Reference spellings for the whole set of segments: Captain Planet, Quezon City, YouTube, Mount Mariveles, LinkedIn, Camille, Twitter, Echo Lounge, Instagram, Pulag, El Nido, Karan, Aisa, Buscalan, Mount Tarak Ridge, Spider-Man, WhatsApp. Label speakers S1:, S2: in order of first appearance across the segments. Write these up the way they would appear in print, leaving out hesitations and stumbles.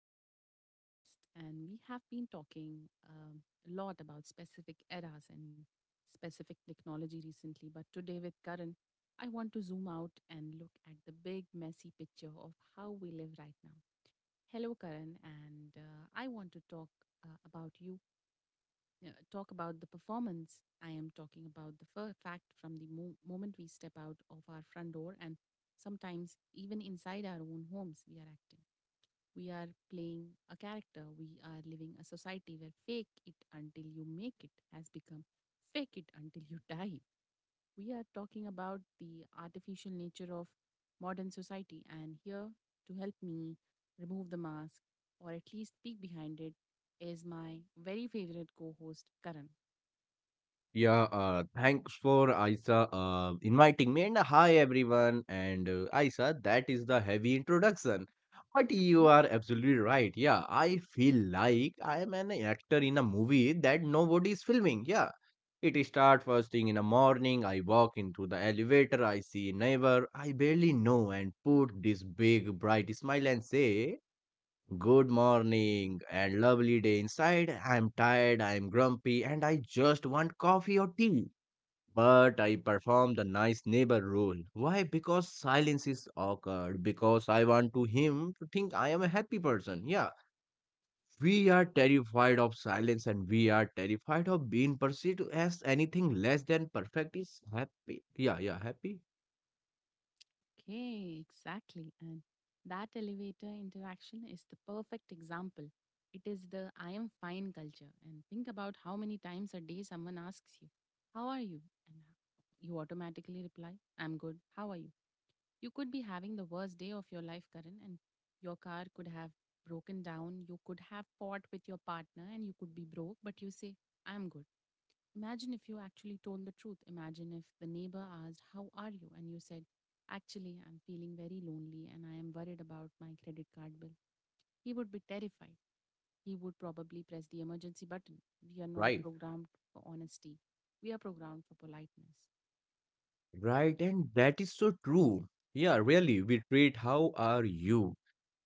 S1: welcome back to the podcast. And we have been talking a lot about specific eras and specific technology recently. But today, with Karan, I want to zoom out and look at the big, messy picture of how we live right now. Hello, Karan, and I want to talk about you, talk about the performance. I am talking about the fact from the moment we step out of our front door and sometimes even inside our own homes, we are acting. We are playing a character. We are living a society where fake it until you make it has become fake it until you die. We are talking about the artificial nature of modern society, and here to help me remove the mask or at least peek behind it is my very favorite co host, Karan.
S2: Yeah, thanks for Aisa inviting me. And hi, everyone. And Aisa, that is the heavy introduction. But you are absolutely right. Yeah, I feel like I am an actor in a movie that nobody is filming. Yeah, it starts first thing in the morning. I walk into the elevator. I see a neighbor I barely know and put this big bright smile and say, good morning and lovely day inside. I'm tired, I'm grumpy, and I just want coffee or tea. But I perform the nice neighbor rule. Why? Because silence is awkward. Because I want to him to think I am a happy person. Yeah. We are terrified of silence and we are terrified of being perceived as anything less than perfect is happy. Yeah, yeah, happy.
S1: Okay, exactly. And that elevator interaction is the perfect example. It is the I am fine culture. And think about how many times a day someone asks you, how are you? And you automatically reply, I'm good. How are you? You could be having the worst day of your life, Karan, and your car could have broken down. You could have fought with your partner and you could be broke, but you say, I'm good. Imagine if you actually told the truth. Imagine if the neighbor asked, how are you? And you said, actually, I'm feeling very lonely and I am worried about my credit card bill. He would be terrified. He would probably press the emergency button. We are not
S2: Right.
S1: programmed for honesty, we are programmed for politeness.
S2: Right, and that is so true. Yeah, really, we treat how are you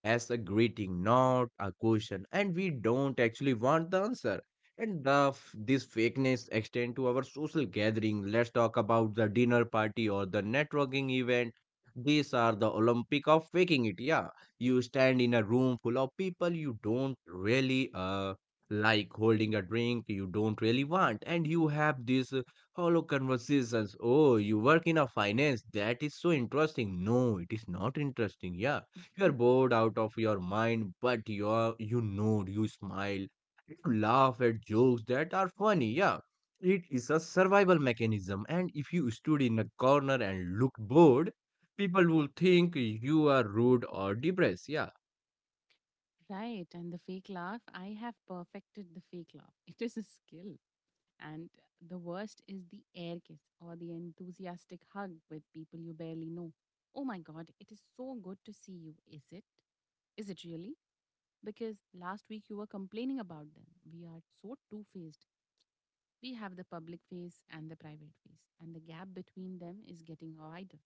S2: as a greeting, not a question, and we don't actually want the answer. And this fakeness extend to our social gathering. Let's talk about the dinner party or the networking event. These are the Olympic of faking it. Yeah, you stand in a room full of people you don't really like holding a drink you don't really want and you have these hollow conversations, oh you work in a finance, that is so interesting, no it is not interesting, yeah you're
S1: Mm,
S2: bored out of your mind, but you nod, you smile, you laugh at jokes that are funny. Yeah, it is a survival mechanism. And if you stood in a corner and looked bored, people will think you are rude or depressed. Yeah,
S1: Right. And the fake laugh, I have perfected the fake laugh. It is a skill. And the worst is the air kiss or the enthusiastic hug with people you barely know. Oh my god, it is so good to see you, is it? Is it really? Because last week you were complaining about them. We are so two faced. We have the public face and the private face, and the gap between them is getting wider.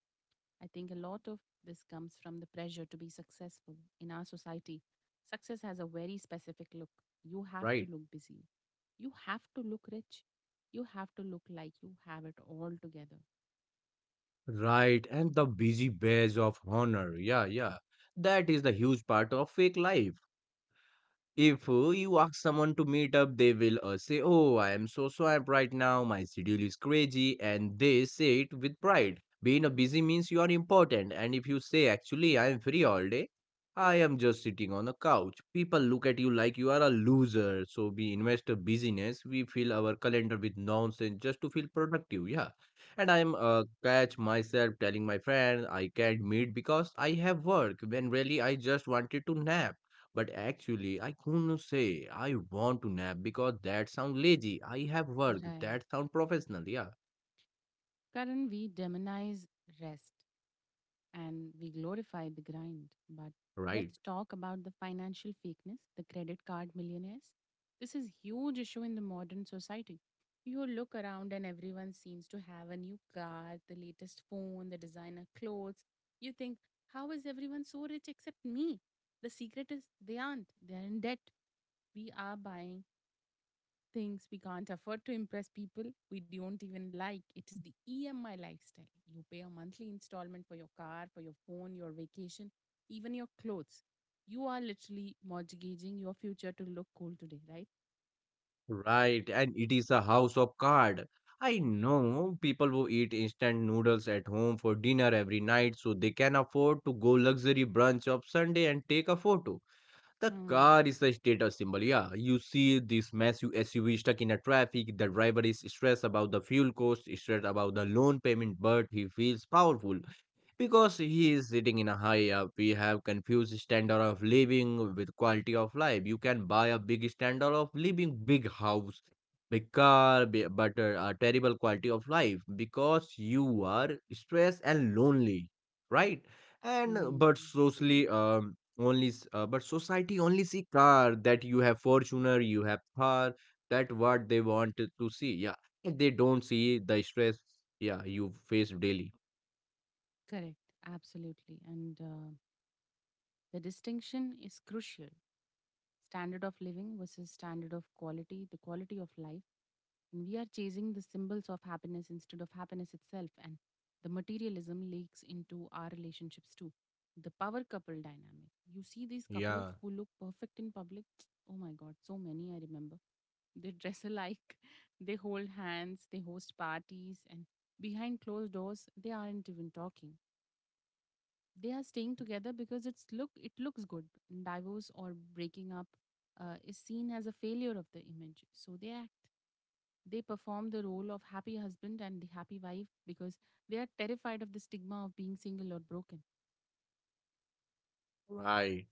S1: I think a lot of this comes from the pressure to be successful in our society. Success has a very specific look. You have to
S2: right,
S1: look busy. You have to look rich. You have to look like you have it all together.
S2: right. And the busy badge of honor. Yeah, yeah. That is the huge part of fake life. If you ask someone to meet up, they will say, oh, I am so swamped right now, my schedule is crazy, and they say it with pride. Being a busy means you are important, and if you say, actually, I am free all day, I am just sitting on a couch, people look at you like you are a loser. So, we invest a busyness, we fill our calendar with nonsense just to feel productive, yeah. And I am catch myself telling my friend, I can't meet because I have work, when really I just wanted to nap. But actually, I couldn't say I want to nap because that sounds lazy. I have work.
S1: Right.
S2: That sounds professional. Yeah,
S1: Karan, we demonize rest, and we glorify the grind. But
S2: right.
S1: let's talk about the financial fakeness, the credit card millionaires. This is huge issue in the modern society. You look around and everyone seems to have a new car, the latest phone, the designer clothes. You think, how is everyone so rich except me? The secret is they aren't. They're in debt. We are buying things we can't afford to impress people we don't even like. It is the EMI lifestyle. You pay a monthly installment for your car, for your phone, your vacation, even your clothes. You are literally mortgaging your future to look cool today, right?
S2: Right. And it is a house of card. I know people who eat instant noodles at home for dinner every night so they can afford to go luxury brunch of Sunday and take a photo. The
S1: Hmm.
S2: car is a status symbol. Yeah, you see this massive SUV stuck in a traffic. The driver is stressed about the fuel cost, stressed about the loan payment, but he feels powerful because he is sitting in a high up. We have confused standard of living with quality of life. You can buy a big standard of living, big house, big car, but a terrible quality of life because you are stressed and lonely, right? And but
S1: Hmm.
S2: socially, but society only see car that you have Fortuner, you have car. That what they want to see. Yeah, they don't see the stress. Yeah, you face daily.
S1: Correct. Absolutely. And the distinction is crucial. Standard of living versus standard of quality, the quality of life. And we are chasing the symbols of happiness instead of happiness itself. And the materialism leaks into our relationships too. The power couple dynamic. You see these couples
S2: Yeah.
S1: who look perfect in public. Oh my God, so many I remember. They dress alike, they hold hands, they host parties, and behind closed doors, they aren't even talking. They are staying together because it looks good. Divorce or breaking up is seen as a failure of the image, so they act. They perform the role of happy husband and the happy wife because they are terrified of the stigma of being single or broken.
S2: Right.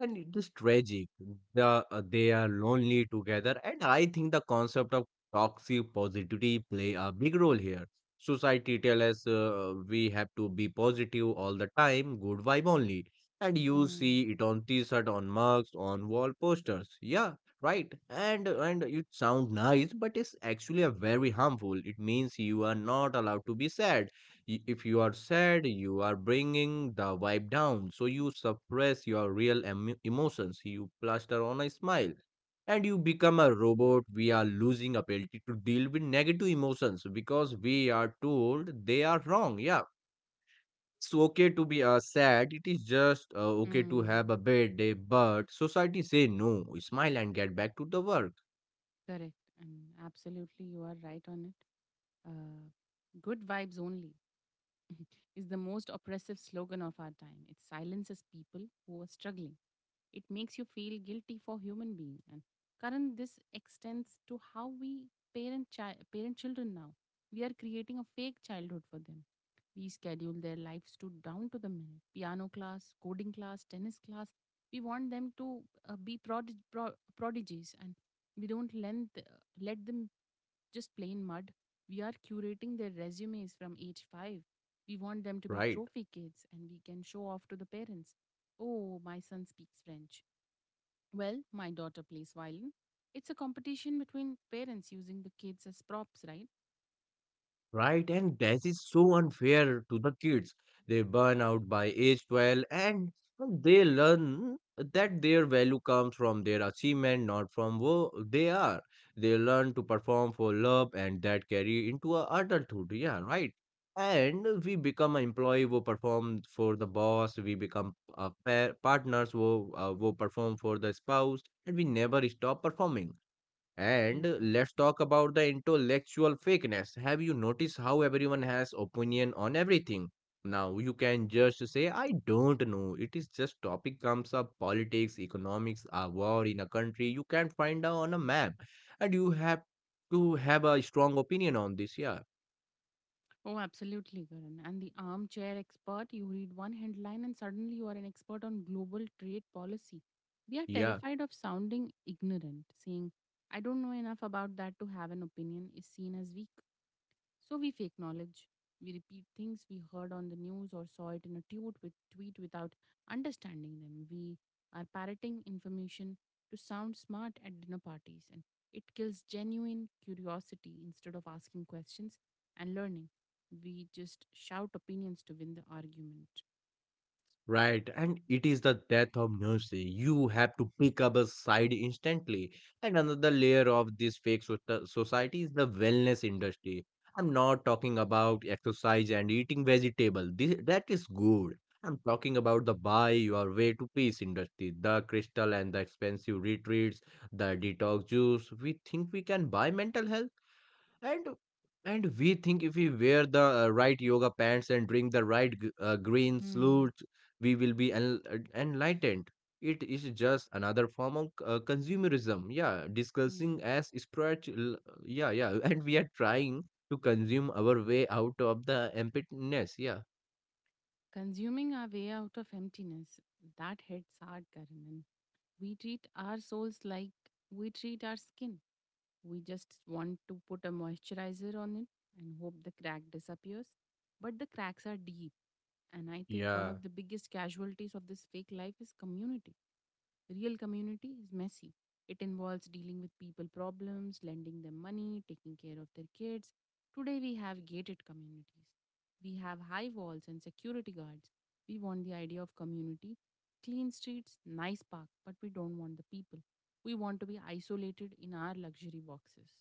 S2: And it is tragic. They are lonely together. And I think the concept of toxic positivity play a big role here. Society tell us we have to be positive all the time, good vibe only. And you
S1: Mm.
S2: see it on t-shirt, on mugs, on wall posters. Yeah, right. And it sound nice, but it's actually a very harmful. It means you are not allowed to be sad. If you are sad, you are bringing the vibe down. So you suppress your real emotions. You plaster on a smile and you become a robot. We are losing ability to deal with negative emotions because we are told they are wrong. Yeah. It's okay to be sad. It is just okay to
S1: mm,
S2: have a bad day, but society say no. Smile and get back to the work,
S1: Correct, and absolutely you are right on it. uh, Good vibes only is the most oppressive slogan of our time. It silences people who are struggling. It makes you feel guilty for human being. And current this extends to how we parent children now. We are creating a fake childhood for them. We schedule their lives to down to the minute. Piano class, coding class, tennis class. We want them to be prodigies, and we don't lend, th- let them just plain mud. We are curating their resumes from age 5. We want them to be
S2: right?
S1: trophy kids and we can show off to the parents. Oh, my son speaks French. Well, my daughter plays violin. It's a competition between parents using the kids as props, right?
S2: Right, and that is so unfair to the kids. They burn out by age 12 and well, they learn that their value comes from their achievement, not from who they are. They learn to perform for love and that carry into a adulthood. Yeah, right. And we become an employee who perform for the boss, we become pa partners who perform for the spouse, and we never stop performing. And
S1: Mm.
S2: let's talk about the intellectual fakeness. Have you noticed how everyone has opinion on everything? Now you can just say I don't know. It is just topic comes up, politics, economics, a war in a country you can't find out on a map. And you have to have a strong opinion on this, yeah.
S1: Oh, absolutely, Karan. And the armchair expert, you read one headline and suddenly you are an expert on global trade policy. We are
S2: Yeah.
S1: terrified of sounding ignorant, saying, I don't know enough about that to have an opinion is seen as weak. So we fake knowledge. We repeat things we heard on the news or saw it in a tweet, without understanding them. We are parroting information to sound smart at dinner parties, and it kills genuine curiosity. Instead of asking questions and learning, we just shout opinions to win the argument.
S2: Right, and it is the death of mercy. You have to pick up a side instantly. And another layer of this society is the wellness industry. I'm not talking about exercise and eating vegetable. This, that is good. I'm talking about the buy your way to peace industry, the crystal and the expensive retreats, the detox juice. We think we can buy mental health. And and we think if we wear the right yoga pants and drink the right green
S1: Hmm.
S2: sludge, we will be enlightened. It is just another form of consumerism. Yeah, discussing
S1: Hmm.
S2: as spiritual. Yeah, yeah, and we are trying to consume our way out of the emptiness. Yeah.
S1: Consuming our way out of emptiness, that hits hard, Karan. And we treat our souls like we treat our skin. We just want to put a moisturizer on it and hope the crack disappears. But the cracks are deep. And I think one
S2: Yeah.
S1: of the biggest casualties of this fake life is community. Real community is messy. It involves dealing with people problems, lending them money, taking care of their kids. Today we have gated communities. We have high walls and security guards. We want the idea of community, clean streets, nice park, but we don't want the people. We want to be isolated in our luxury boxes.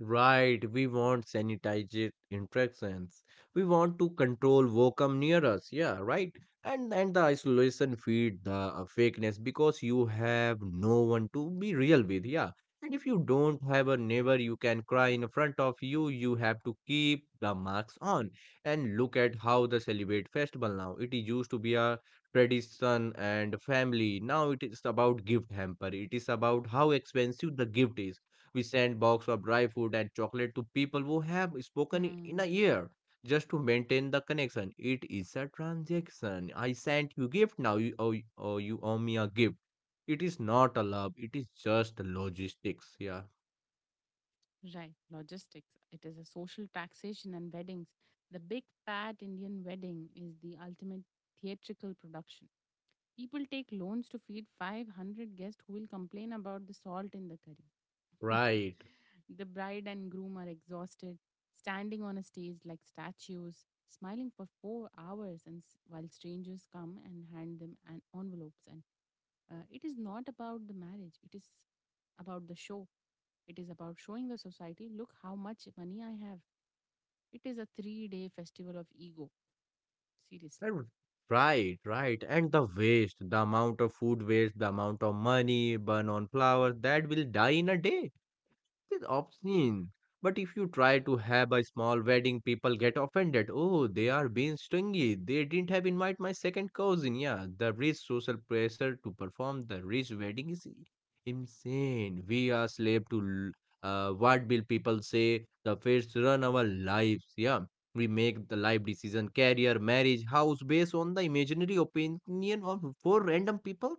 S2: Right, we want sanitized interactions. We want to control what come near us. Yeah, right. And the isolation feed the fakeness because you have no one to be real with. Yeah. And if you don't have a neighbor you can cry in front of you, you have to keep the marks on. And look at how the celebrate festival now. It used to be a tradition and family. Now it is about gift hamper. It is about how expensive the gift is. We send box of dry food and chocolate to people who have spoken in a
S1: Hmm.
S2: year just to maintain the connection. It is a transaction. I sent you gift, now you owe me a gift. It is not a love. It is just logistics. Yeah,
S1: Right. Logistics. It is a social taxation and weddings. The big fat Indian wedding is the ultimate theatrical production. People take loans to feed 500 guests who will complain about the salt in the curry.
S2: right.
S1: The bride and groom are exhausted, standing on a stage like statues, smiling for 4 hours, and while strangers come and hand them an envelopes and it is not about the marriage, it is about the show. It is about showing the society, look how much money I have. It is a 3 day festival of ego, seriously.
S2: And right, right. And the waste, the amount of food waste, the amount of money burn on flowers that will die in a day. It's obscene. But if you try to have a small wedding, people get offended. Oh, they are being stingy. They didn't have invite my second cousin. Yeah, the rich social pressure to perform the rich wedding is insane. We are slave to what will people say. The fates run our lives. Yeah, we make the life decision, career, marriage, house based on the imaginary opinion of four random people.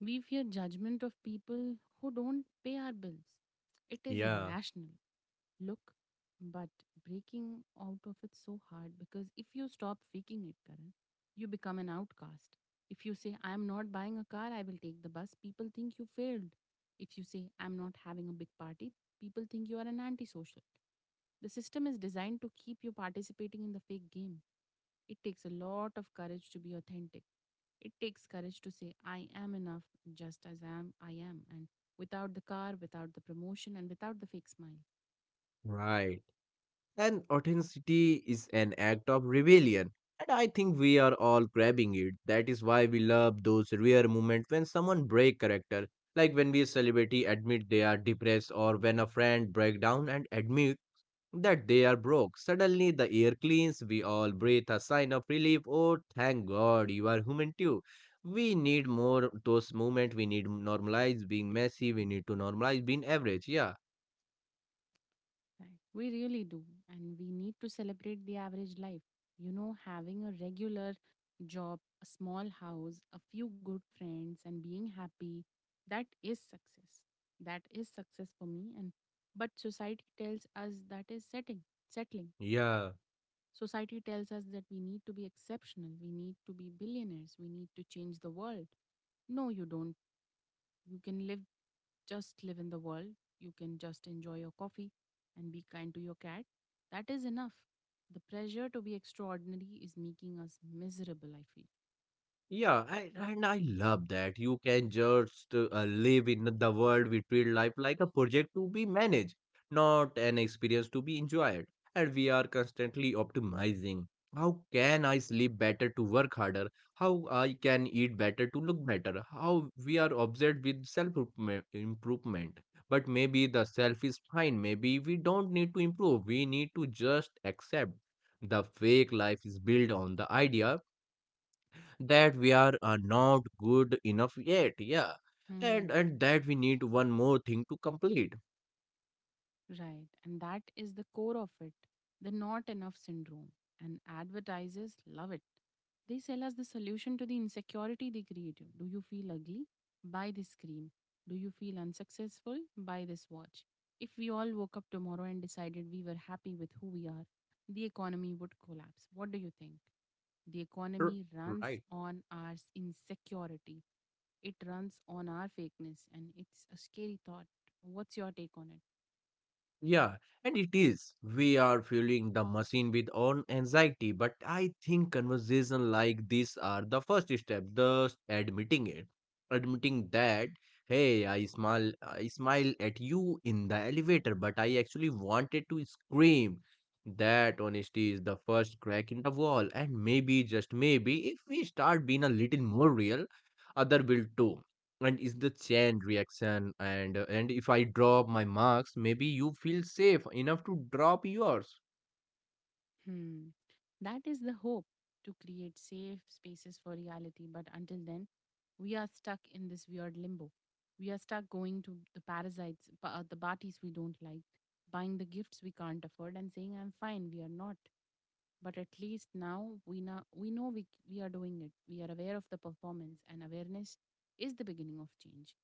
S1: We fear judgment of people who don't pay our bills. It is
S2: Yeah,
S1: irrational. Look, but breaking out of it's so hard because if you stop faking it, Karan, you become an outcast. If you say, I'm not buying a car, I will take the bus, people think you failed. If you say, I'm not having a big party, people think you are an antisocial. The system is designed to keep you participating in the fake game. It takes a lot of courage to be authentic. It takes courage to say, I am enough just as I am, and without the car, without the promotion, and without the fake smile.
S2: right. And authenticity is an act of rebellion. And I think we are all grabbing it. That is why we love those rare moments when someone break character, like when we a celebrity admit they are depressed or when a friend break down and admit that they are broke. Suddenly the air cleans, we all breathe a sign of relief. Oh, thank God you are human too. We need more those moments. We need normalize being messy. We need to normalize being average. Yeah.
S1: Right. We really do. And we need to celebrate the average life. You know, having a regular job, a small house, a few good friends, and being happy, that is success. That is success for me. And but society tells us that is settling.
S2: Yeah.
S1: Society tells us that we need to be exceptional. We need to be billionaires. We need to change the world. No, you don't. You can live just live in the world. You can just enjoy your coffee and be kind to your cat. That is enough. The pressure to be extraordinary is making us miserable, I feel.
S2: Yeah, I, and I love that you can just live in the world. We treat life like a project to be managed, not an experience to be enjoyed. And we are constantly optimizing. How can I sleep better to work harder? How I can eat better to look better? How we are obsessed with self improvement. But maybe the self is fine. Maybe we don't need to improve. We need to just accept the fake life is built on the idea that we are not good enough yet, yeah,
S1: Hmm.
S2: and that we need one more thing to complete.
S1: Right. And that is the core of it, the not enough syndrome. And advertisers love it. They sell us the solution to the insecurity they create. Do you feel ugly? Buy this cream. Do you feel unsuccessful? Buy this watch. If we all woke up tomorrow and decided we were happy with who we are, the economy would collapse. What do you think? The
S2: R-
S1: economy runs
S2: right.
S1: on our insecurity, it runs on our fakeness, and it's a scary thought. What's your take on it?
S2: Yeah, and it is. We are fueling the machine with own anxiety, but I think conversation like this are the first step, thus admitting it. Admitting that, hey, I smile at you in the elevator, but I actually wanted to scream. That honesty is the first crack in the wall, and maybe just maybe if we start being a little more real, other will too and is the chain reaction and if I drop my marks maybe you feel safe enough to drop yours.
S1: Hmm. That is the hope to create safe spaces for reality. But until then, we are stuck in this weird limbo. We are stuck going to the the parties we don't like, buying the gifts we can't afford, and saying, I'm fine, we are not. But at least now, we are doing it. We are aware of the performance, and awareness is the beginning of change.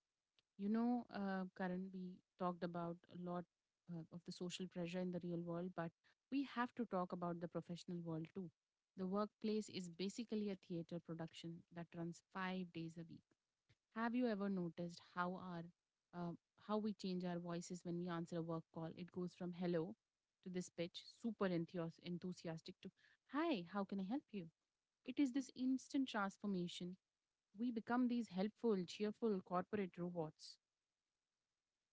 S1: You know, Karan, we talked about a lot of the social pressure in the real world, but we have to talk about the professional world too. The workplace is basically a theater production that runs 5 days a week. Have you ever noticed how our uh, how we change our voices when we answer a work call? It goes from hello to this pitch, enthusiastic to hi, how can I help you? It is this instant transformation, we become these helpful, cheerful corporate robots.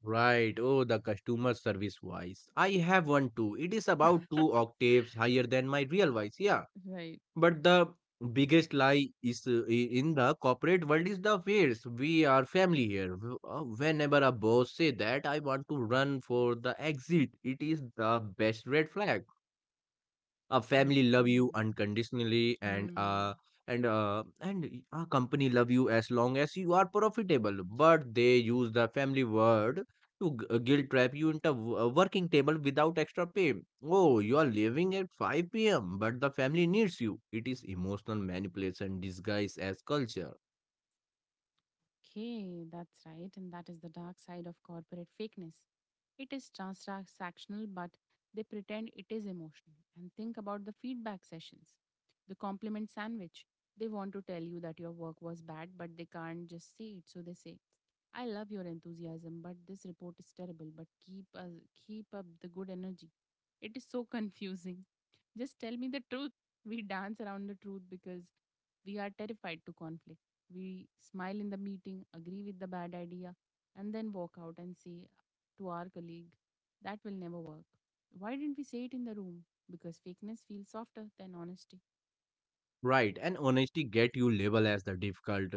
S2: Right. Oh, the customer service voice, I have one too. It is about two octaves higher than my real voice. Yeah,
S1: Right.
S2: but the biggest lie is in the corporate world is the face we are family here. Whenever a boss say that I want to run for the exit, it is the best red flag. A family love you
S1: Okay.
S2: unconditionally and uh
S1: Hmm.
S2: and uh and y- a company love you as long as you are profitable, but they use the family word to guilt trap you into a working table without extra pay. Oh, you are leaving at 5 p.m. but the family needs you. It is emotional manipulation disguised as culture.
S1: Okay, that's right. And that is the dark side of corporate fakeness. It is transactional, but they pretend it is emotional. And think about the feedback sessions, the compliment sandwich. They want to tell you that your work was bad, but they can't just say it. So they say, I love your enthusiasm, but this report is terrible, but keep up the good energy. It is so confusing. Just tell me the truth. We dance around the truth because we are terrified to conflict. We smile in the meeting, agree with the bad idea, and then walk out and say to our colleague, that will never work. Why didn't we say it in the room? Because fakeness feels softer than honesty.
S2: Right, and honesty get you labeled as the difficult.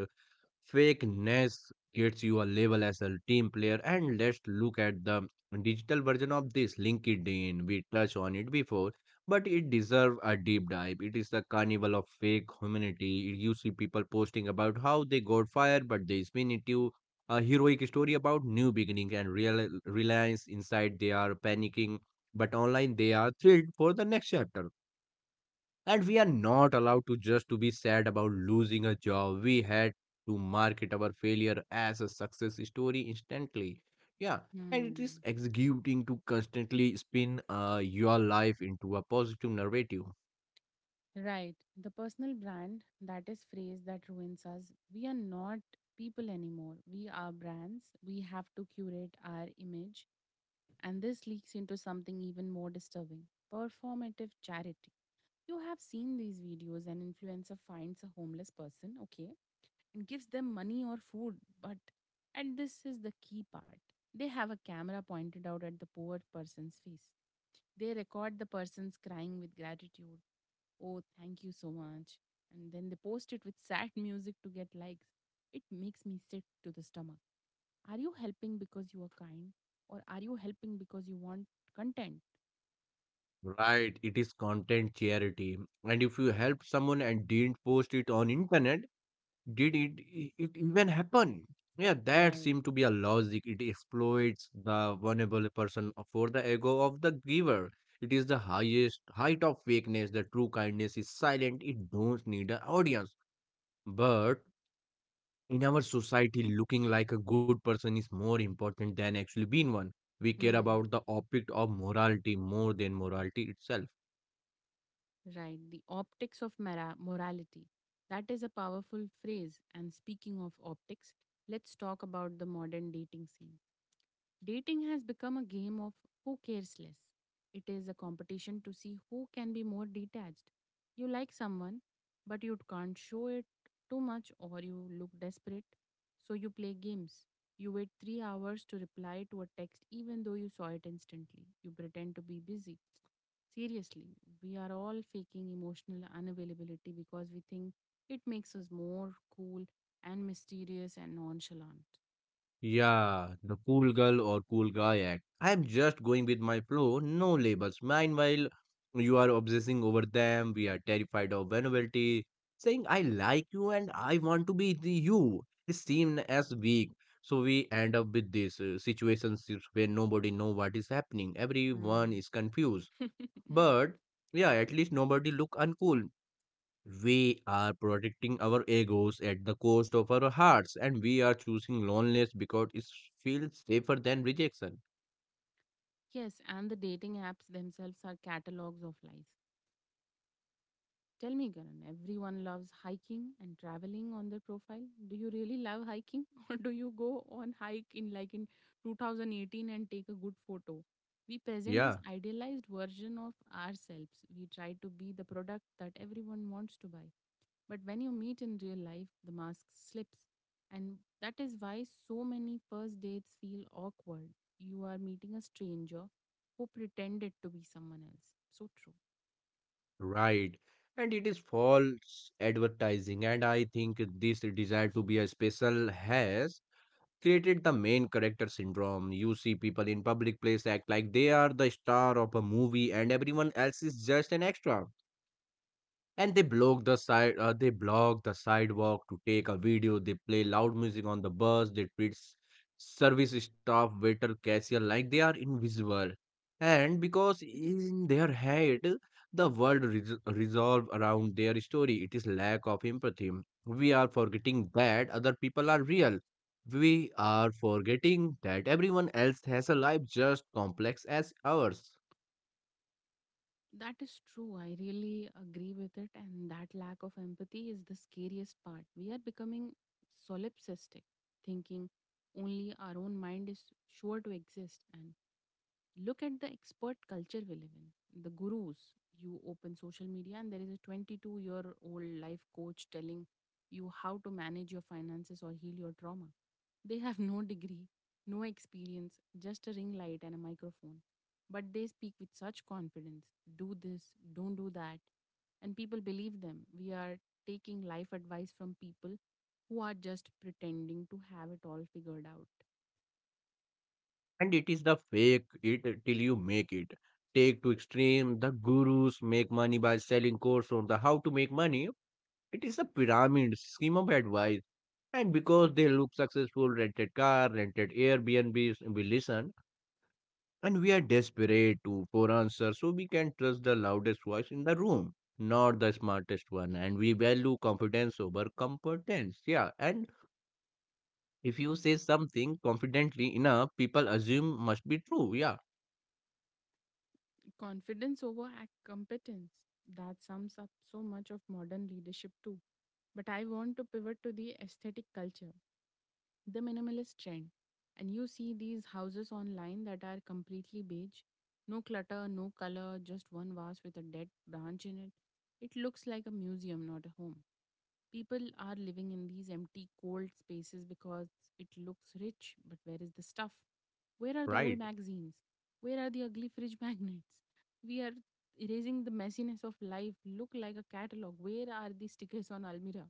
S2: Fakeness gets you a label as a team player, and let's look at the digital version of this LinkedIn. We touched on it before, but it deserves a deep dive. It is the carnival of fake humanity. You see people posting about how they got fired, but they spin it a heroic story about new beginning and real reliance. Inside, they are panicking, but online, they are thrilled for the next chapter, and we are not allowed to just to be sad about losing a job. We had to market our failure as a success story instantly. Yeah, and it is
S1: Hmm.
S2: executing to constantly spin your life into a positive narrative.
S1: Right. The personal brand, that is phrase that ruins us. We are not people anymore. We are brands. We have to curate our image. And this leaks into something even more disturbing, performative charity. You have seen these videos, an influencer finds a homeless person, okay, and gives them money or food. But, and this is the key part, they have a camera pointed out at the poor person's face. They record the person's crying with gratitude. Oh, thank you so much. And then they post it with sad music to get likes. It makes me sick to the stomach. Are you helping because you are kind, or are you helping because you want content?
S2: Right, it is content charity, and if you help someone and didn't post it on internet, did it, it even happen? Yeah, that
S1: Right.
S2: seemed to be a logic. It exploits the vulnerable person for the ego of the giver. It is the highest height of fakeness. The true kindness is silent. It don't need an audience. But in our society, looking like a good person is more important than actually being one. We care
S1: Hmm.
S2: about the object of morality more than morality itself.
S1: Right, the optics of morality. That is a powerful phrase. And speaking of optics, let's talk about the modern dating scene. Dating has become a game of who cares less. It is a competition to see who can be more detached. You like someone, but you can't show it too much or you look desperate. So you play games. You wait 3 hours to reply to a text even though you saw it instantly. You pretend to be busy. Seriously, we are all faking emotional unavailability because we think it makes us more cool and mysterious and nonchalant.
S2: Yeah, the cool girl or cool guy act. I am just going with my flow, no labels. Meanwhile, you are obsessing over them. We are terrified of vulnerability. Saying I like you and I want to be the you is seen as weak. So we end up with these situations where nobody know what is happening. Everyone
S1: Mm.
S2: is confused. But yeah, at least nobody look uncool. We are protecting our egos at the cost of our hearts, and we are choosing loneliness because it feels safer than rejection.
S1: Yes, and the dating apps themselves are catalogs of lies. Tell me, Karan, everyone loves hiking and traveling on their profile. Do you really love hiking or do you go on hike in like in 2018 and take a good photo? We present
S2: Yeah,
S1: this idealized version of ourselves. We try to be the product that everyone wants to buy. But when you meet in real life, the mask slips. And that is why so many first dates feel awkward. You are meeting a stranger who pretended to be someone else. So true.
S2: right. And it is false advertising, and I think this desire to be a special has created the main character syndrome. You see people in public place act like they are the star of a movie, and everyone else is just an extra. And they block the sidewalk to take a video, they play loud music on the bus, they treat service staff, waiter, cashier like they are invisible. And because in their head the world resolve around their story, it is lack of empathy. We are forgetting that other people are real. We are forgetting that everyone else has a life just complex as ours.
S1: That is true. I really agree with it. And that lack of empathy is the scariest part. We are becoming solipsistic, thinking only our own mind is sure to exist. And look at the expert culture we live in, the gurus. You open social media, and there is a 22-year-old life coach telling you how to manage your finances or heal your trauma. They have no degree, no experience, just a ring light and a microphone. But they speak with such confidence, do this, don't do that. And people believe them. We are taking life advice from people who are just pretending to have it all figured out.
S2: And it is the fake it till you make it. Take to extreme, the gurus make money by selling course on the how to make money. It is a pyramid scheme of advice. And because they look successful, rented car, rented Airbnbs, we listen and we are desperate to for answers so we can trust the loudest voice in the room, not the smartest one. And we value confidence over competence. Yeah. And if you say something confidently enough, people assume must be true. Yeah.
S1: Competence. That sums up so much of modern leadership, too. But I want to pivot to the aesthetic culture, the minimalist trend. And you see these houses online that are completely beige. No clutter, no color, just one vase with a dead branch in it. It looks like a museum, not a home. People are living in these empty, cold spaces because it looks rich, but where is the stuff? Where are the old
S2: Right.
S1: magazines? Where are the ugly fridge magnets? We are erasing the messiness of life, look like a catalog. Where are the stickers on Almira?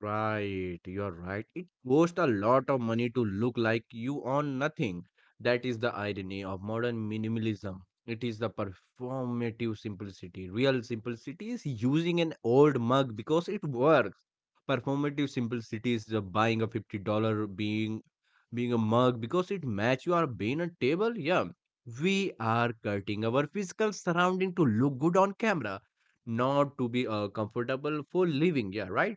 S2: Right, you're right. It costs a lot of money to look like you own nothing. That is the irony of modern minimalism. It is the performative simplicity. Real simplicity is using an old mug because it works. Performative simplicity is the buying a $50 being a mug because it match your being a table. Yeah, we are cutting our physical surrounding to look good on camera, not to be comfortable for living. Yeah, right.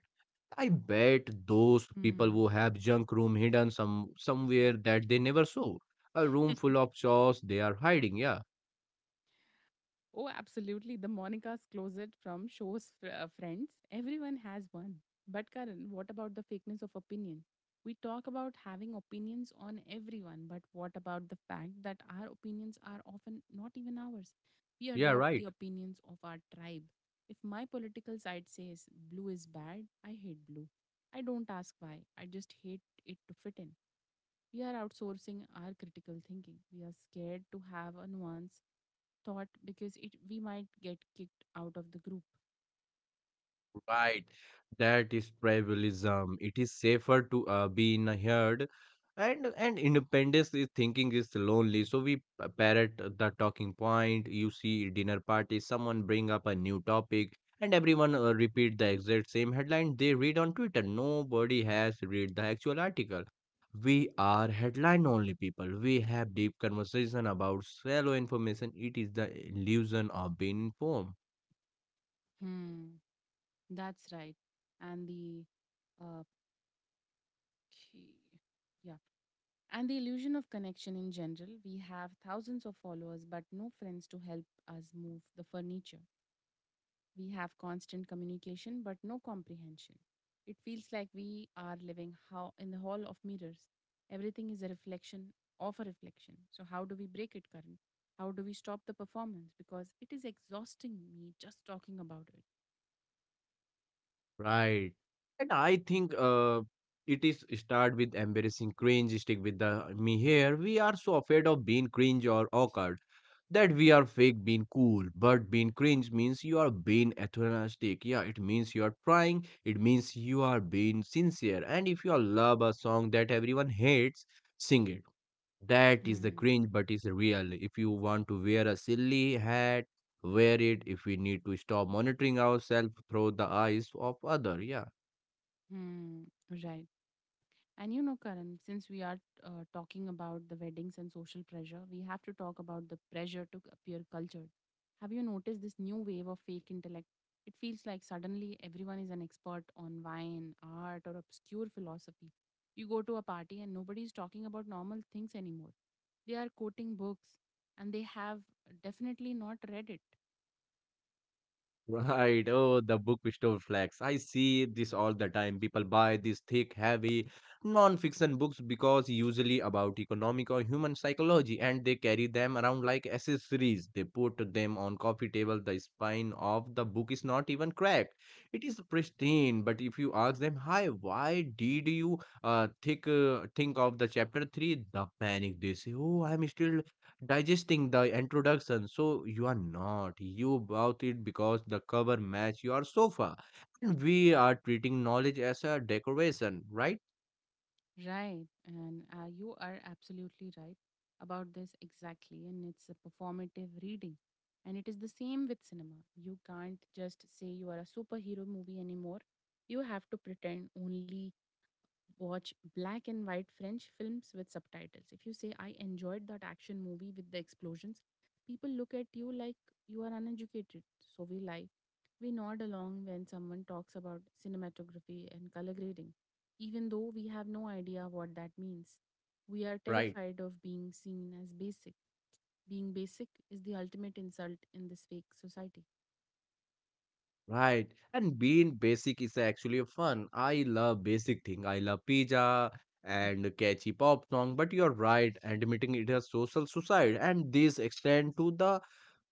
S2: I bet those people who
S1: Hmm.
S2: have junk room hidden somewhere that they never saw. A room full of chores they are hiding. Yeah,
S1: Oh, absolutely. The Monica's closet from shows friends. Everyone has one. But Karan, what about the fakeness of opinion? We talk about having opinions on everyone, but what about the fact that our opinions are often not even ours? We
S2: yeah,
S1: adopt the
S2: right.
S1: opinions of our tribe. If my political side says blue is bad, I hate blue. I don't ask why. I just hate it to fit in. We are outsourcing our critical thinking. We are scared to have a nuance thought because it we might get kicked out of the group.
S2: Right, that is tribalism. It is safer to be in a herd, and independence is thinking is lonely. So we parrot the talking point. You see dinner party, someone bring up a new topic, and everyone repeat the exact same headline they read on Twitter. Nobody has read the actual article. We are headline only people. We have deep conversation about shallow information. It is the illusion of being informed.
S1: Hmm. That's right. And the uh, key- yeah, and the illusion of connection in general. We have thousands of followers, but no friends to help us move the furniture. We have constant communication but no comprehension. It feels like we are living how in the hall of mirrors. Everything is a reflection of a reflection. So how do we break it Karan? How do we stop the performance? Because it is exhausting me just talking about it.
S2: Right. And I think it is start with embarrassing cringe, stick with the me here. We are so afraid of being cringe or awkward that we are fake being cool. But being cringe means you are being enthusiastic. Yeah, it means you are trying. It means you are being sincere. And if you love a song that everyone hates, sing it, that is the
S1: Mm.
S2: cringe, but it's real. If you want to wear a silly hat, wear it. If we need to stop monitoring ourselves through the eyes of other, yeah.
S1: Hmm. Right. And you know, Karan, since we are talking about the weddings and social pressure, we have to talk about the pressure to appear cultured. Have you noticed this new wave of fake intellect? It feels like suddenly everyone is an expert on wine, art, or obscure philosophy. You go to a party and nobody is talking about normal things anymore. They are quoting books and they have definitely not read it.
S2: Right. Oh, the book store flags. I see this all the time. People buy these thick, heavy non-fiction books because usually about economic or human psychology, and they carry them around like accessories. They put them on coffee table. The spine of the book is not even cracked. It is pristine. But if you ask them, "Hi, why did you think of the chapter three?" The panic. They say, "Oh, I'm still digesting the introduction, so you are not, you bought it because the cover match your sofa and we are treating knowledge as a decoration, right?"
S1: Right. And you are absolutely right about this exactly. And it's a performative reading. And it is the same with cinema. You can't just say you are a superhero movie anymore. You have to pretend only watch black and white French films with subtitles. If you say, I enjoyed that action movie with the explosions, people look at you like you are uneducated. So we lie. We nod along when someone talks about cinematography and color grading, even though we have no idea what that means. We are
S2: Right.
S1: terrified of being seen as basic. Being basic is the ultimate insult in this fake society.
S2: Right, and being basic is actually fun. I love basic thing, I love pizza and catchy pop song, but you're right, admitting it as social suicide. And this extend to the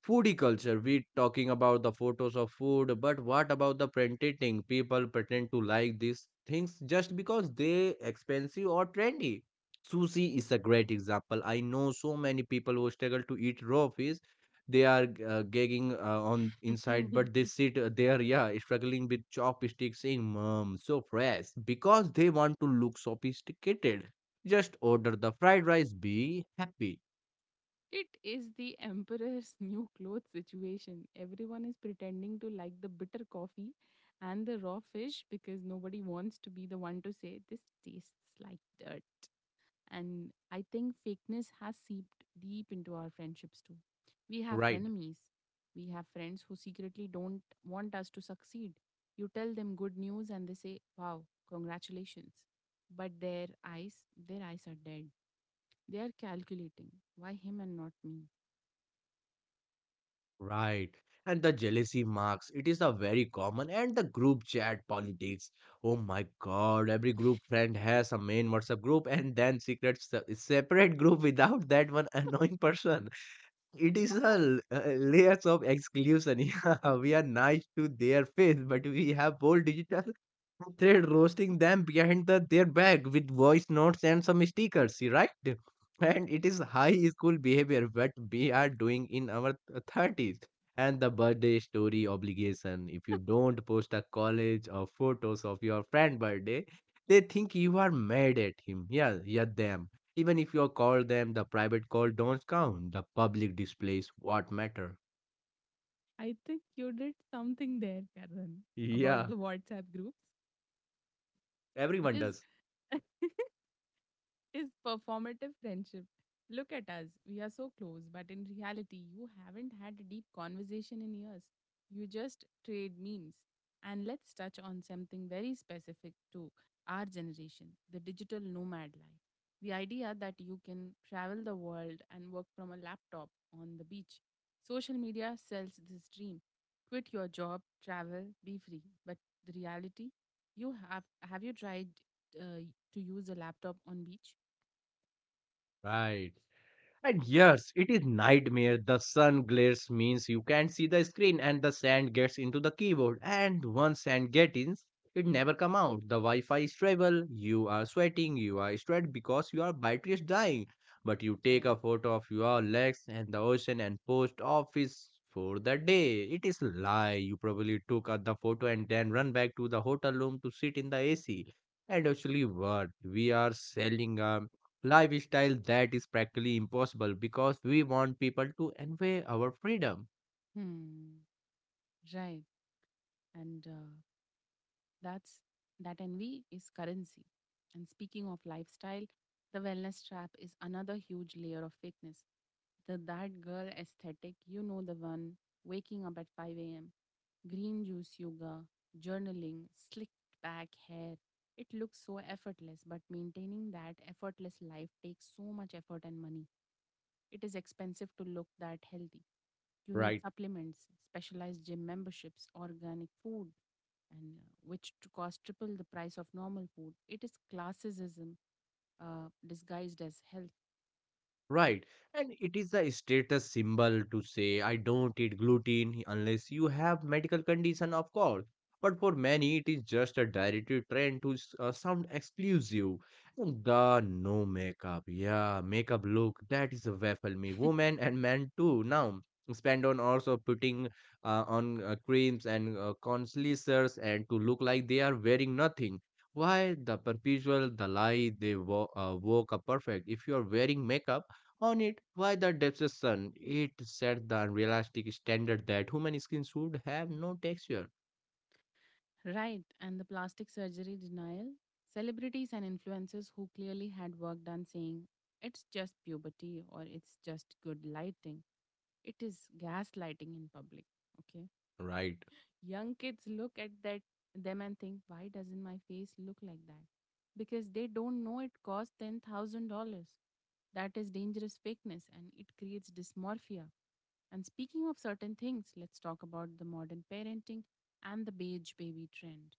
S2: foodie culture. We talking about the photos of food, but what about the pretending? People pretend to like these things just because they expensive or trendy. Sushi is a great example. I know so many people who struggle to eat raw fish. They are gagging on inside, but they sit there, yeah, struggling with chopsticks saying mom so fresh because they want to look sophisticated. Just order the fried rice, be happy.
S1: It is the emperor's new clothes situation. Everyone is pretending to like the bitter coffee and the raw fish because nobody wants to be the one to say this tastes like dirt. And I think fakeness has seeped deep into our friendships too. We have
S2: Right.
S1: frenemies. We have friends who secretly don't want us to succeed. You tell them good news and they say, wow, congratulations. But their eyes are dead. They are calculating. Why him and not me?
S2: Right. And the jealousy marks, it is a very common and the group chat politics. Oh my god, every group friend has a main WhatsApp group and then secret separate group without that one annoying person. It is a layers of exclusion. Yeah, we are nice to their face, but we have whole digital thread roasting them behind the, their back with voice notes and some stickers, right? And it is high school behavior what we are doing in our thirties. And the birthday story obligation. If you don't post a college or photos of your friend birthday, they think you are mad at him. Yeah, yeah, them, even if you call them the private call don't count. The public displays what matter.
S1: I think you did something there, Karen, about
S2: Yeah,
S1: the WhatsApp groups. It
S2: everyone
S1: is
S2: does.
S1: is performative friendship. Look at us. We are so close, but in reality, you haven't had a deep conversation in years. You just trade memes. And let's touch on something very specific to our generation, the digital nomad life. The idea that you can travel the world and work from a laptop on the beach. Social media sells this dream. Quit your job, travel, be free. But the reality, you have you tried uh, to use a laptop on beach?
S2: Right. And yes, it is nightmare. The sun glares means you can't see the screen and the sand gets into the keyboard. And once sand gets in, it never come out. The Wi-Fi is trouble. You are sweating. You are stressed because your battery is dying. But you take
S1: Right.
S2: a photo of your legs and the ocean and post office for the day. It is lie. You probably took out the photo and then run back to the hotel room to sit in the AC. And actually what? We are selling a lifestyle that is practically impossible because we want people to envy our freedom,
S1: Hmm. Right. And that's that envy is currency. And speaking of lifestyle, the wellness trap is another huge layer of fakeness. The that girl aesthetic, you know the one, waking up at 5 a.m., green juice yoga, journaling, slicked back hair. It looks so effortless, but maintaining that effortless life takes so much effort and money. It is expensive to look that healthy. You need
S2: right?
S1: supplements, specialized gym memberships, organic food, and which to cost triple the price of normal food. It is classicism disguised as health.
S2: Right. And it is a status symbol to say, I don't eat gluten unless you have medical condition, of course. But for many, it is just a directive trend to sound exclusive. The no makeup. Yeah, makeup look. That is a baffle me. Women and men too. Now, spend on also putting on creams and concealers and to look like they are wearing nothing. Why the perpetual the lie they woke up perfect? If you are wearing makeup, on it. Why the deception? It set the unrealistic standard that human skin should have no texture.
S1: Right, and the plastic surgery denial. Celebrities and influencers who clearly had work done saying it's just puberty or it's just good lighting. It is gaslighting in public. Okay.
S2: Right,
S1: Young kids look at that them and think, why doesn't my face look like that? Because they don't know it costs $10,000. That is dangerous fakeness and it creates dysmorphia. And speaking of certain things, let's talk about the modern parenting and the beige baby trend.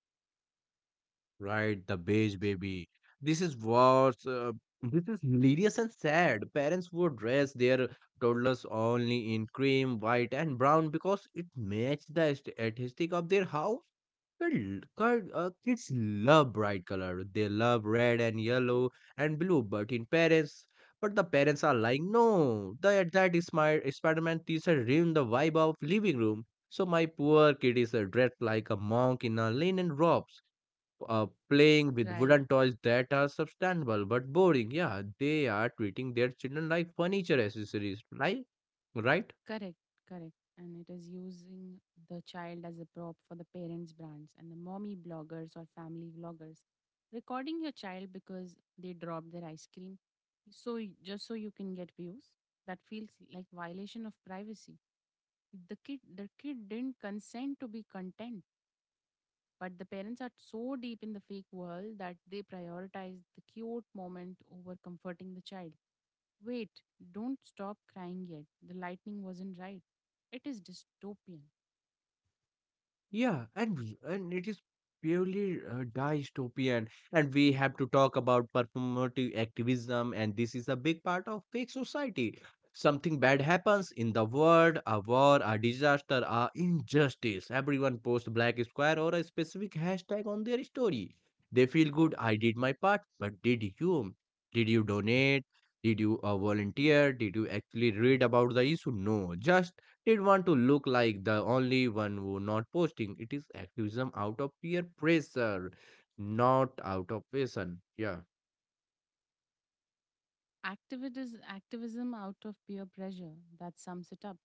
S2: right, the beige baby. This is worse. This is hilarious and sad. Parents would dress their toddlers only in cream, white, and brown because it matched the aesthetic of their house. Well, card, kids love bright color. They love red and yellow and blue. But in parents, but the parents are like, no, the that is my Spider-Man teacher ruined the vibe of living room. So my poor kid is dressed like a monk in a linen robes, playing with
S1: Right.
S2: wooden toys that are substandable but boring. Yeah, they are treating their children like furniture accessories, right? Right?
S1: Correct, correct. And it is using the child as a prop for the parents' brands and the mommy bloggers or family vloggers. Recording your child because they dropped their ice cream, so just so you can get views, that feels like violation of privacy. The kid didn't consent to be content, but the parents are so deep in the fake world that they prioritize the cute moment over comforting the child. Wait, don't stop crying yet. The lightning wasn't right. It is dystopian.
S2: And it is purely dystopian, and we have to talk about performative activism, and this is a big part of fake society. Something bad happens in the world, a war, a disaster, a injustice. Everyone posts black square or a specific hashtag on their story. They feel good. I did my part, but did you? Did you donate? Did you volunteer? Did you actually read about the issue? No, just did want to look like the only one who not posting. It is activism out of peer pressure, not out of passion. Yeah,
S1: Activities, activism out of peer pressure, that sums it up.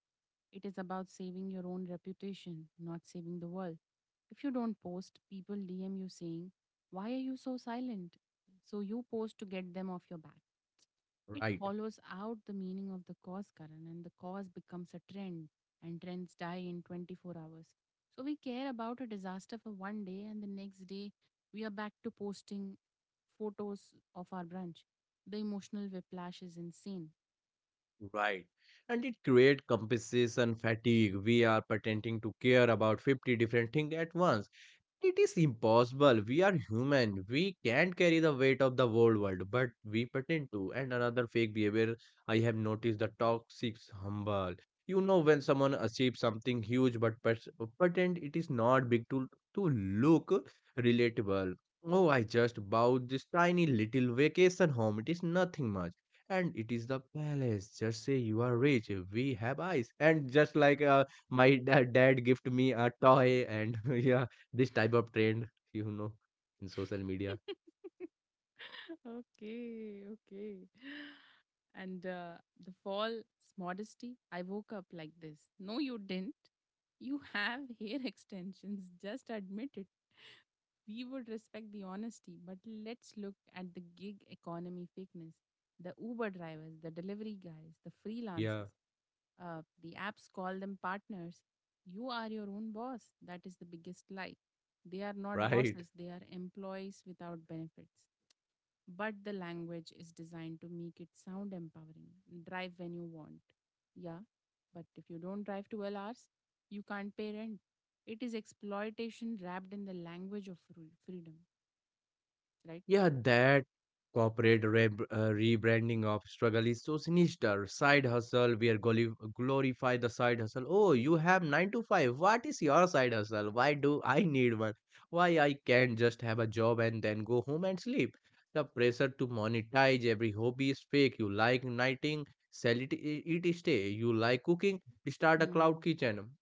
S1: It is about saving your own reputation, not saving the world. If you don't post, people DM you saying, "Why are you so silent?" So you post to get them off your back. It
S2: right,
S1: hollows out the meaning of the cause, Karan, and the cause becomes a trend, and trends die in 24 hours. So we care about a disaster for one day, and the next day we are back to posting photos of our brunch. The emotional whiplash is insane.
S2: right. And it create compensation fatigue. We are pretending to care about 50 different things at once. It is impossible. We are human. We can't carry the weight of the whole world, but we pretend to. And another fake behavior I have noticed the toxic humble. You know when someone achieves something huge but pretend it is not big to look relatable. Oh, I just bought this tiny little vacation home. It is nothing much. And it is the palace. Just say you are rich. We have eyes. And just like my dad gift me a toy and yeah this type of trend, you know, in social media.
S1: Okay, okay. And the false modesty, I woke up like this. No, you didn't. You have hair extensions. Just admit it. We would respect the honesty, but let's look at the gig economy fakeness. The Uber drivers, the delivery guys, the
S2: Yeah,
S1: freelancers. The apps call them partners. You are your own boss. That is the biggest lie. They are not
S2: right.
S1: bosses, they are employees without benefits, but the language is designed to make it sound empowering. Drive when you want. Yeah, but if you don't drive 12 hours, you can't pay rent. It is exploitation wrapped in the language of freedom, right?
S2: Yeah, that corporate rebranding of struggle is so sinister. Side hustle, we are glorify the side hustle. Oh, you have 9 to 5. What is your side hustle? Why do I need one? Why I can't just have a job and then go home and sleep? The pressure to monetize every hobby is fake. You like knitting, sell it, it stay. You like cooking, start a cloud
S1: Hmm.
S2: kitchen.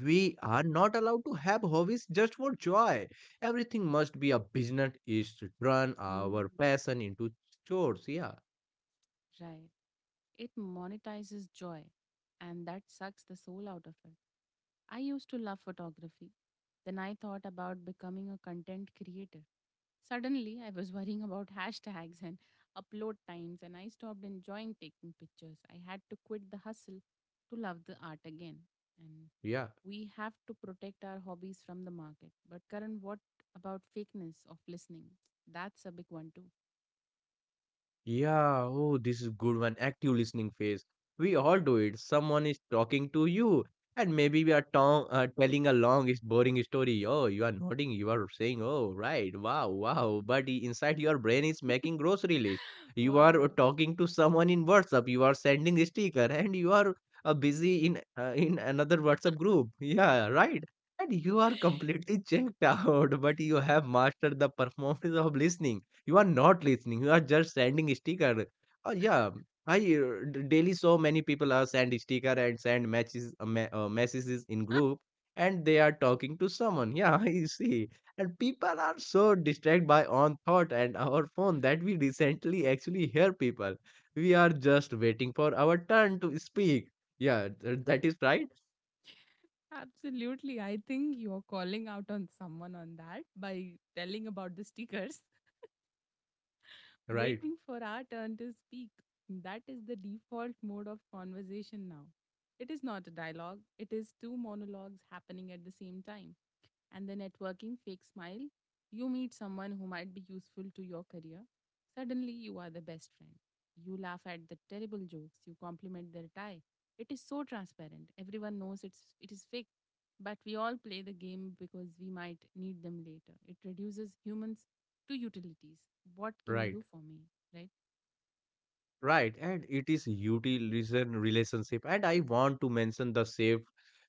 S2: We are not allowed to have hobbies just for joy. Everything must be a business is to turn our passion into chores. Yeah,
S1: Right. It monetizes joy, and that sucks the soul out of it. I used to love photography. Then I thought about becoming a content creator. Suddenly, I was worrying about hashtags and upload times, and I stopped enjoying taking pictures. I had to quit the hustle to love the art again. And
S2: yeah.
S1: we have to protect our hobbies from the market. But, Karan, what about fakeness of listening? That's a big one, too.
S2: Yeah, oh, this is good one. Active listening phase. We all do it. Someone is talking to you, and maybe we are telling a long, is boring story. Oh, you are nodding. You are saying, "Oh, right, wow, wow." But inside your brain is making grocery list. You are
S1: Wow.
S2: talking to someone in WhatsApp. You are sending a sticker, and you are busy in another WhatsApp group. Yeah, right. And you are completely checked out, but you have mastered the performance of listening you are not listening. You are just sending sticker. Yeah, I daily so many people are send sticker and send matches messages in group, and they are talking to someone. Yeah, I see, and people are so distracted by on thought and our phone that we recently actually hear people. We are just waiting for our turn to speak. Yeah, that is right.
S1: Absolutely. I think you're calling out on someone on that by telling about the stickers.
S2: Right.
S1: Waiting for our turn to speak. That is the default mode of conversation now. It is not a dialogue, it is two monologues happening at the same time, and the networking fake smile, you meet someone who might be useful to your career. Suddenly, you are the best friend. You laugh at the terrible jokes, you compliment their tie. It is so transparent. Everyone knows it is fake, but we all play the game because we might need them later. It reduces humans to utilities. What can you
S2: Right.
S1: do for me, right?
S2: Right, and it is utilitarian relationship, and I want to mention the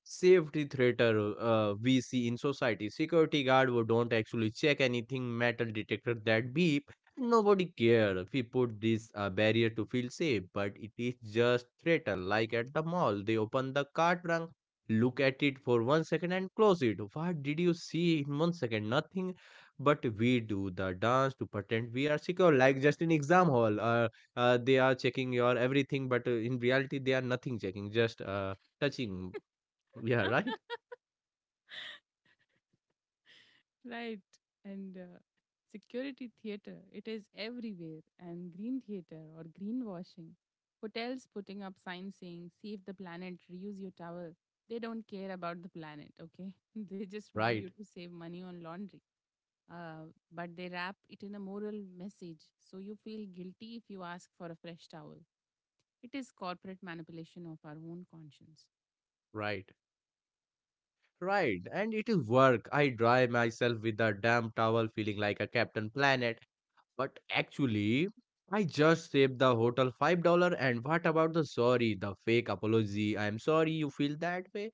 S2: safety threater we see in society. Security guard who don't actually check anything, metal detector that beep, nobody care. We put this barrier to feel safe, but it is just threater. Like at the mall, they open the cart trunk, look at it for 1 second and close it. What did you see in 1 second? Nothing, but we do the dance to pretend we are secure, like just in exam hall. They are checking your everything but in reality they are nothing checking just touching yeah right
S1: Right. And security theater, it is everywhere. And green theater or greenwashing. Hotels putting up signs saying, "Save the planet, reuse your towel." They don't care about the planet, okay? They just want you
S2: right
S1: to save money on laundry. But they wrap it in a moral message. So you feel guilty if you ask for a fresh towel. It is corporate manipulation of our own conscience.
S2: right right and it is work I dry myself with a damp towel feeling like a Captain Planet but actually I just saved the hotel $5 and what about the sorry the fake apology I'm sorry you feel that way.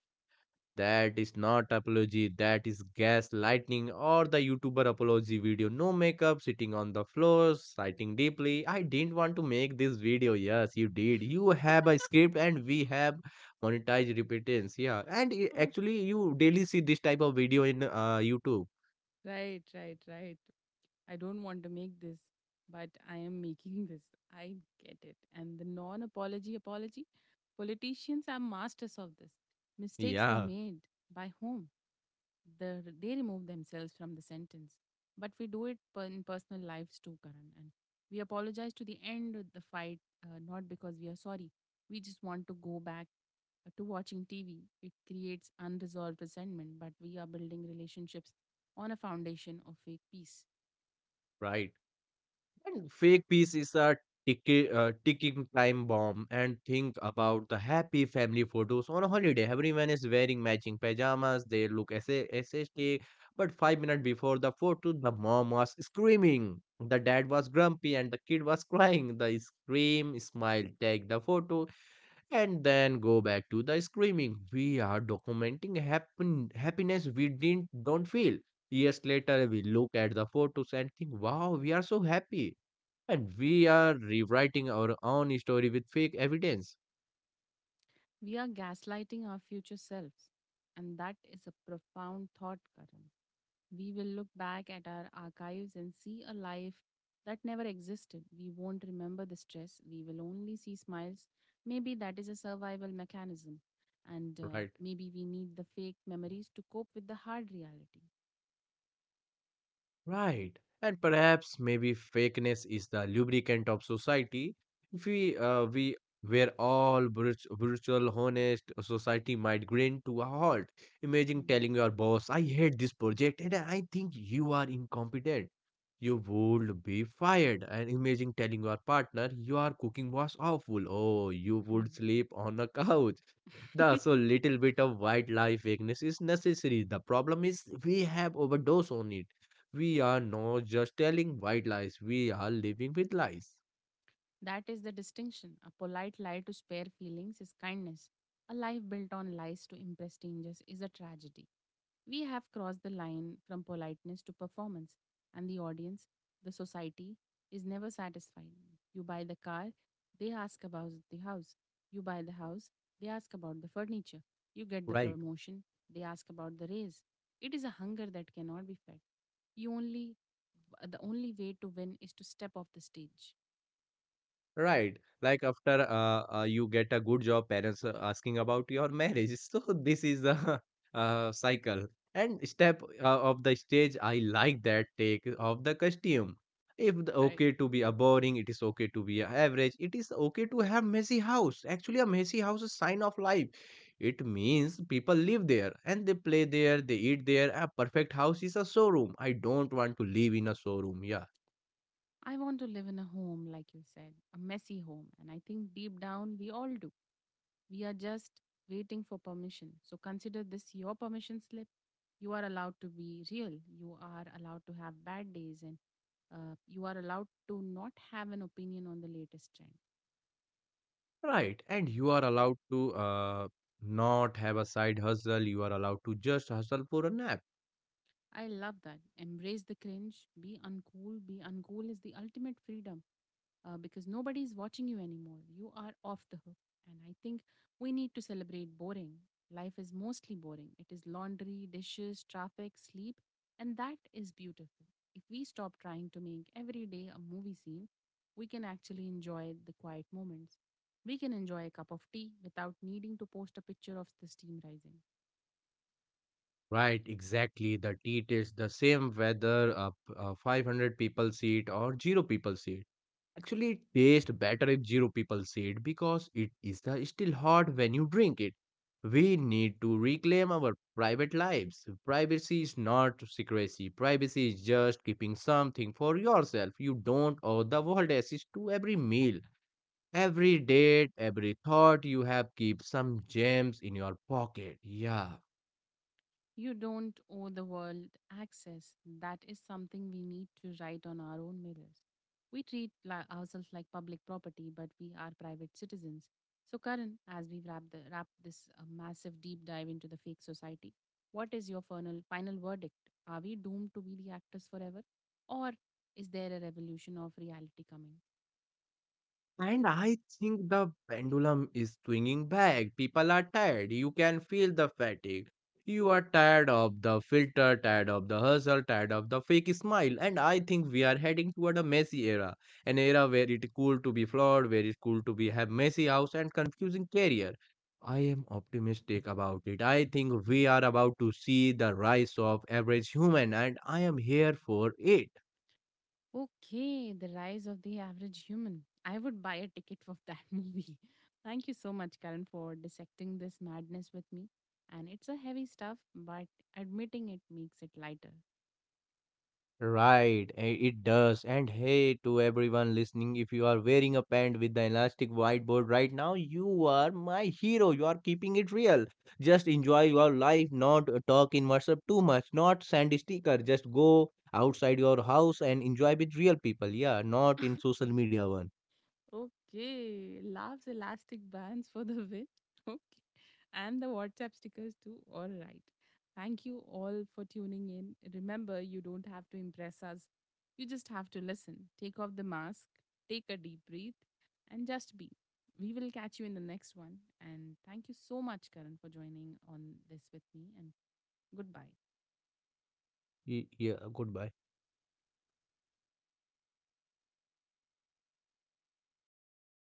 S2: That is not apology, that is gaslighting or the YouTuber apology video. No makeup, sitting on the floor, sighting deeply. I didn't want to make this video. Yes, you did. You have a script and we have monetized repentance. Yeah. And
S1: Oh,
S2: actually, you daily see this type of video in YouTube.
S1: right, right, right. I don't want to make this, but I am making this. I get it. And the non apology apology, politicians are masters of this. Mistakes were
S2: Yeah,
S1: made by whom? They remove themselves from the sentence. But we do it in personal lives too, Karan. And we apologize to the end of the fight, not because we are sorry. We just want to go back to watching TV. It creates unresolved resentment, but we are building relationships on a foundation of fake peace.
S2: right. And fake peace is a ticking time bomb. And think about the happy family photos on a holiday. Everyone is wearing matching pajamas. They look SST. But 5 minutes before the photo, the mom was screaming. The dad was grumpy and the kid was crying. The scream, smile, take the photo, and then go back to the screaming. We are documenting happiness we didn't don't feel. Years later, we look at the photos and think, "Wow, we are so happy." And we are rewriting our own story with fake evidence.
S1: We are gaslighting our future selves, and that is a profound thought, Karan. We will look back at our archives and see a life that never existed. We won't remember the stress, we will only see smiles. Maybe that is a survival mechanism, and
S2: Right,
S1: maybe we need the fake memories to cope with the hard reality.
S2: right. And perhaps maybe fakeness is the lubricant of society. If we were all brutal honest society might grind to a halt. Imagine telling your boss I hate this project and I think you are incompetent. You would be fired. And imagine telling your partner your cooking was awful, oh you
S1: Mm,
S2: would sleep on a couch.
S1: mm.
S2: The so little bit of wildlife vagueness is necessary. The problem is we have overdose on it. We are not just telling white lies, we are living with lies.
S1: That is the distinction. A polite lie to spare feelings is kindness. A life built on lies to impress strangers is a tragedy. We have crossed the line from politeness to performance, and the audience, the society, is never satisfied. You buy the car, they ask about the house. You buy the house, they ask about the furniture. You get the
S2: Right.
S1: promotion, they ask about the raise. It is a hunger that cannot be fed. You only the only way to win is to step off the stage.
S2: Right. Like after you get a good job, parents are asking about your marriage. So this is the cycle. And step of the stage, I like that take of the costume. If the
S1: Right.
S2: okay to be a boring, it is okay to be a average. It is okay to have messy house. Actually, a messy house is sign of life. It means people live there and they play there, they eat there. A perfect house is a showroom. I don't want to live in a showroom. Yeah.
S1: I want to live in a home, like you said, a messy home. And I think deep down, we all do. We are just waiting for permission. So consider this your permission slip. You are allowed to be real. You are allowed to have bad days. And you are allowed to not have an opinion on the latest trend.
S2: Right, and you are allowed to not have a side hustle. You are allowed to just hustle for a nap.
S1: I love that. Embrace the cringe. Be uncool. Be uncool is the ultimate freedom. Because nobody is watching you anymore. You are off the hook. And I think we need to celebrate boring. Life is mostly boring. It is laundry, dishes, traffic, sleep. And that is beautiful. If we stop trying to make every day a movie scene, we can actually enjoy the quiet moments. We can enjoy a cup of tea without needing to post a picture of the steam rising.
S2: Right, exactly. The tea tastes the same whether a 500 people seat or zero people seat. Actually, it tastes better if zero people seat because it is the still hot when you drink it. We need to reclaim our private lives. Privacy is not secrecy. Privacy is just keeping something for yourself. You don't owe the world access to every meal. Every date, every thought you have keeps some gems in your pocket. Yeah.
S1: You don't owe the world access. That is something we need to write on our own mirrors. We treat ourselves like public property, but we are private citizens. So, Karan, as we wrap this massive deep dive into the fake society, what is your final verdict? Are we doomed to be the actors forever? Or is there a revolution of reality coming?
S2: And I think the pendulum is swinging back. People are tired. You can feel the fatigue. You are tired of the filter, tired of the hustle, tired of the fake smile. And I think we are heading toward a messy era. An era where it is cool to be flawed, where it's cool to be have messy house and confusing career. I am optimistic about it. I think we are about to see the rise of average human and I am here for it.
S1: Okay, the Rise of the Average Human. I would buy a ticket for that movie. Thank you so much, Karan, for dissecting this madness with me. And it's a heavy stuff, but admitting it makes it lighter.
S2: Right, eh, it does. And hey, to everyone listening, if you are wearing a pant with the elastic whiteboard right now, you are my hero. You are keeping it real. Just enjoy your life, not talk in WhatsApp too much, not send a sticker. Just go outside your house and enjoy with real people. Yeah, not in social media one.
S1: Okay, laughs elastic bands for the win. Okay, and the WhatsApp stickers too. All right. Thank you all for tuning in. Remember, you don't have to impress us. You just have to listen. Take off the mask, take a deep breath, and just be. We will catch you in the next one. And thank you so much, Karan, for joining on this with me. And goodbye.
S2: Yeah, goodbye.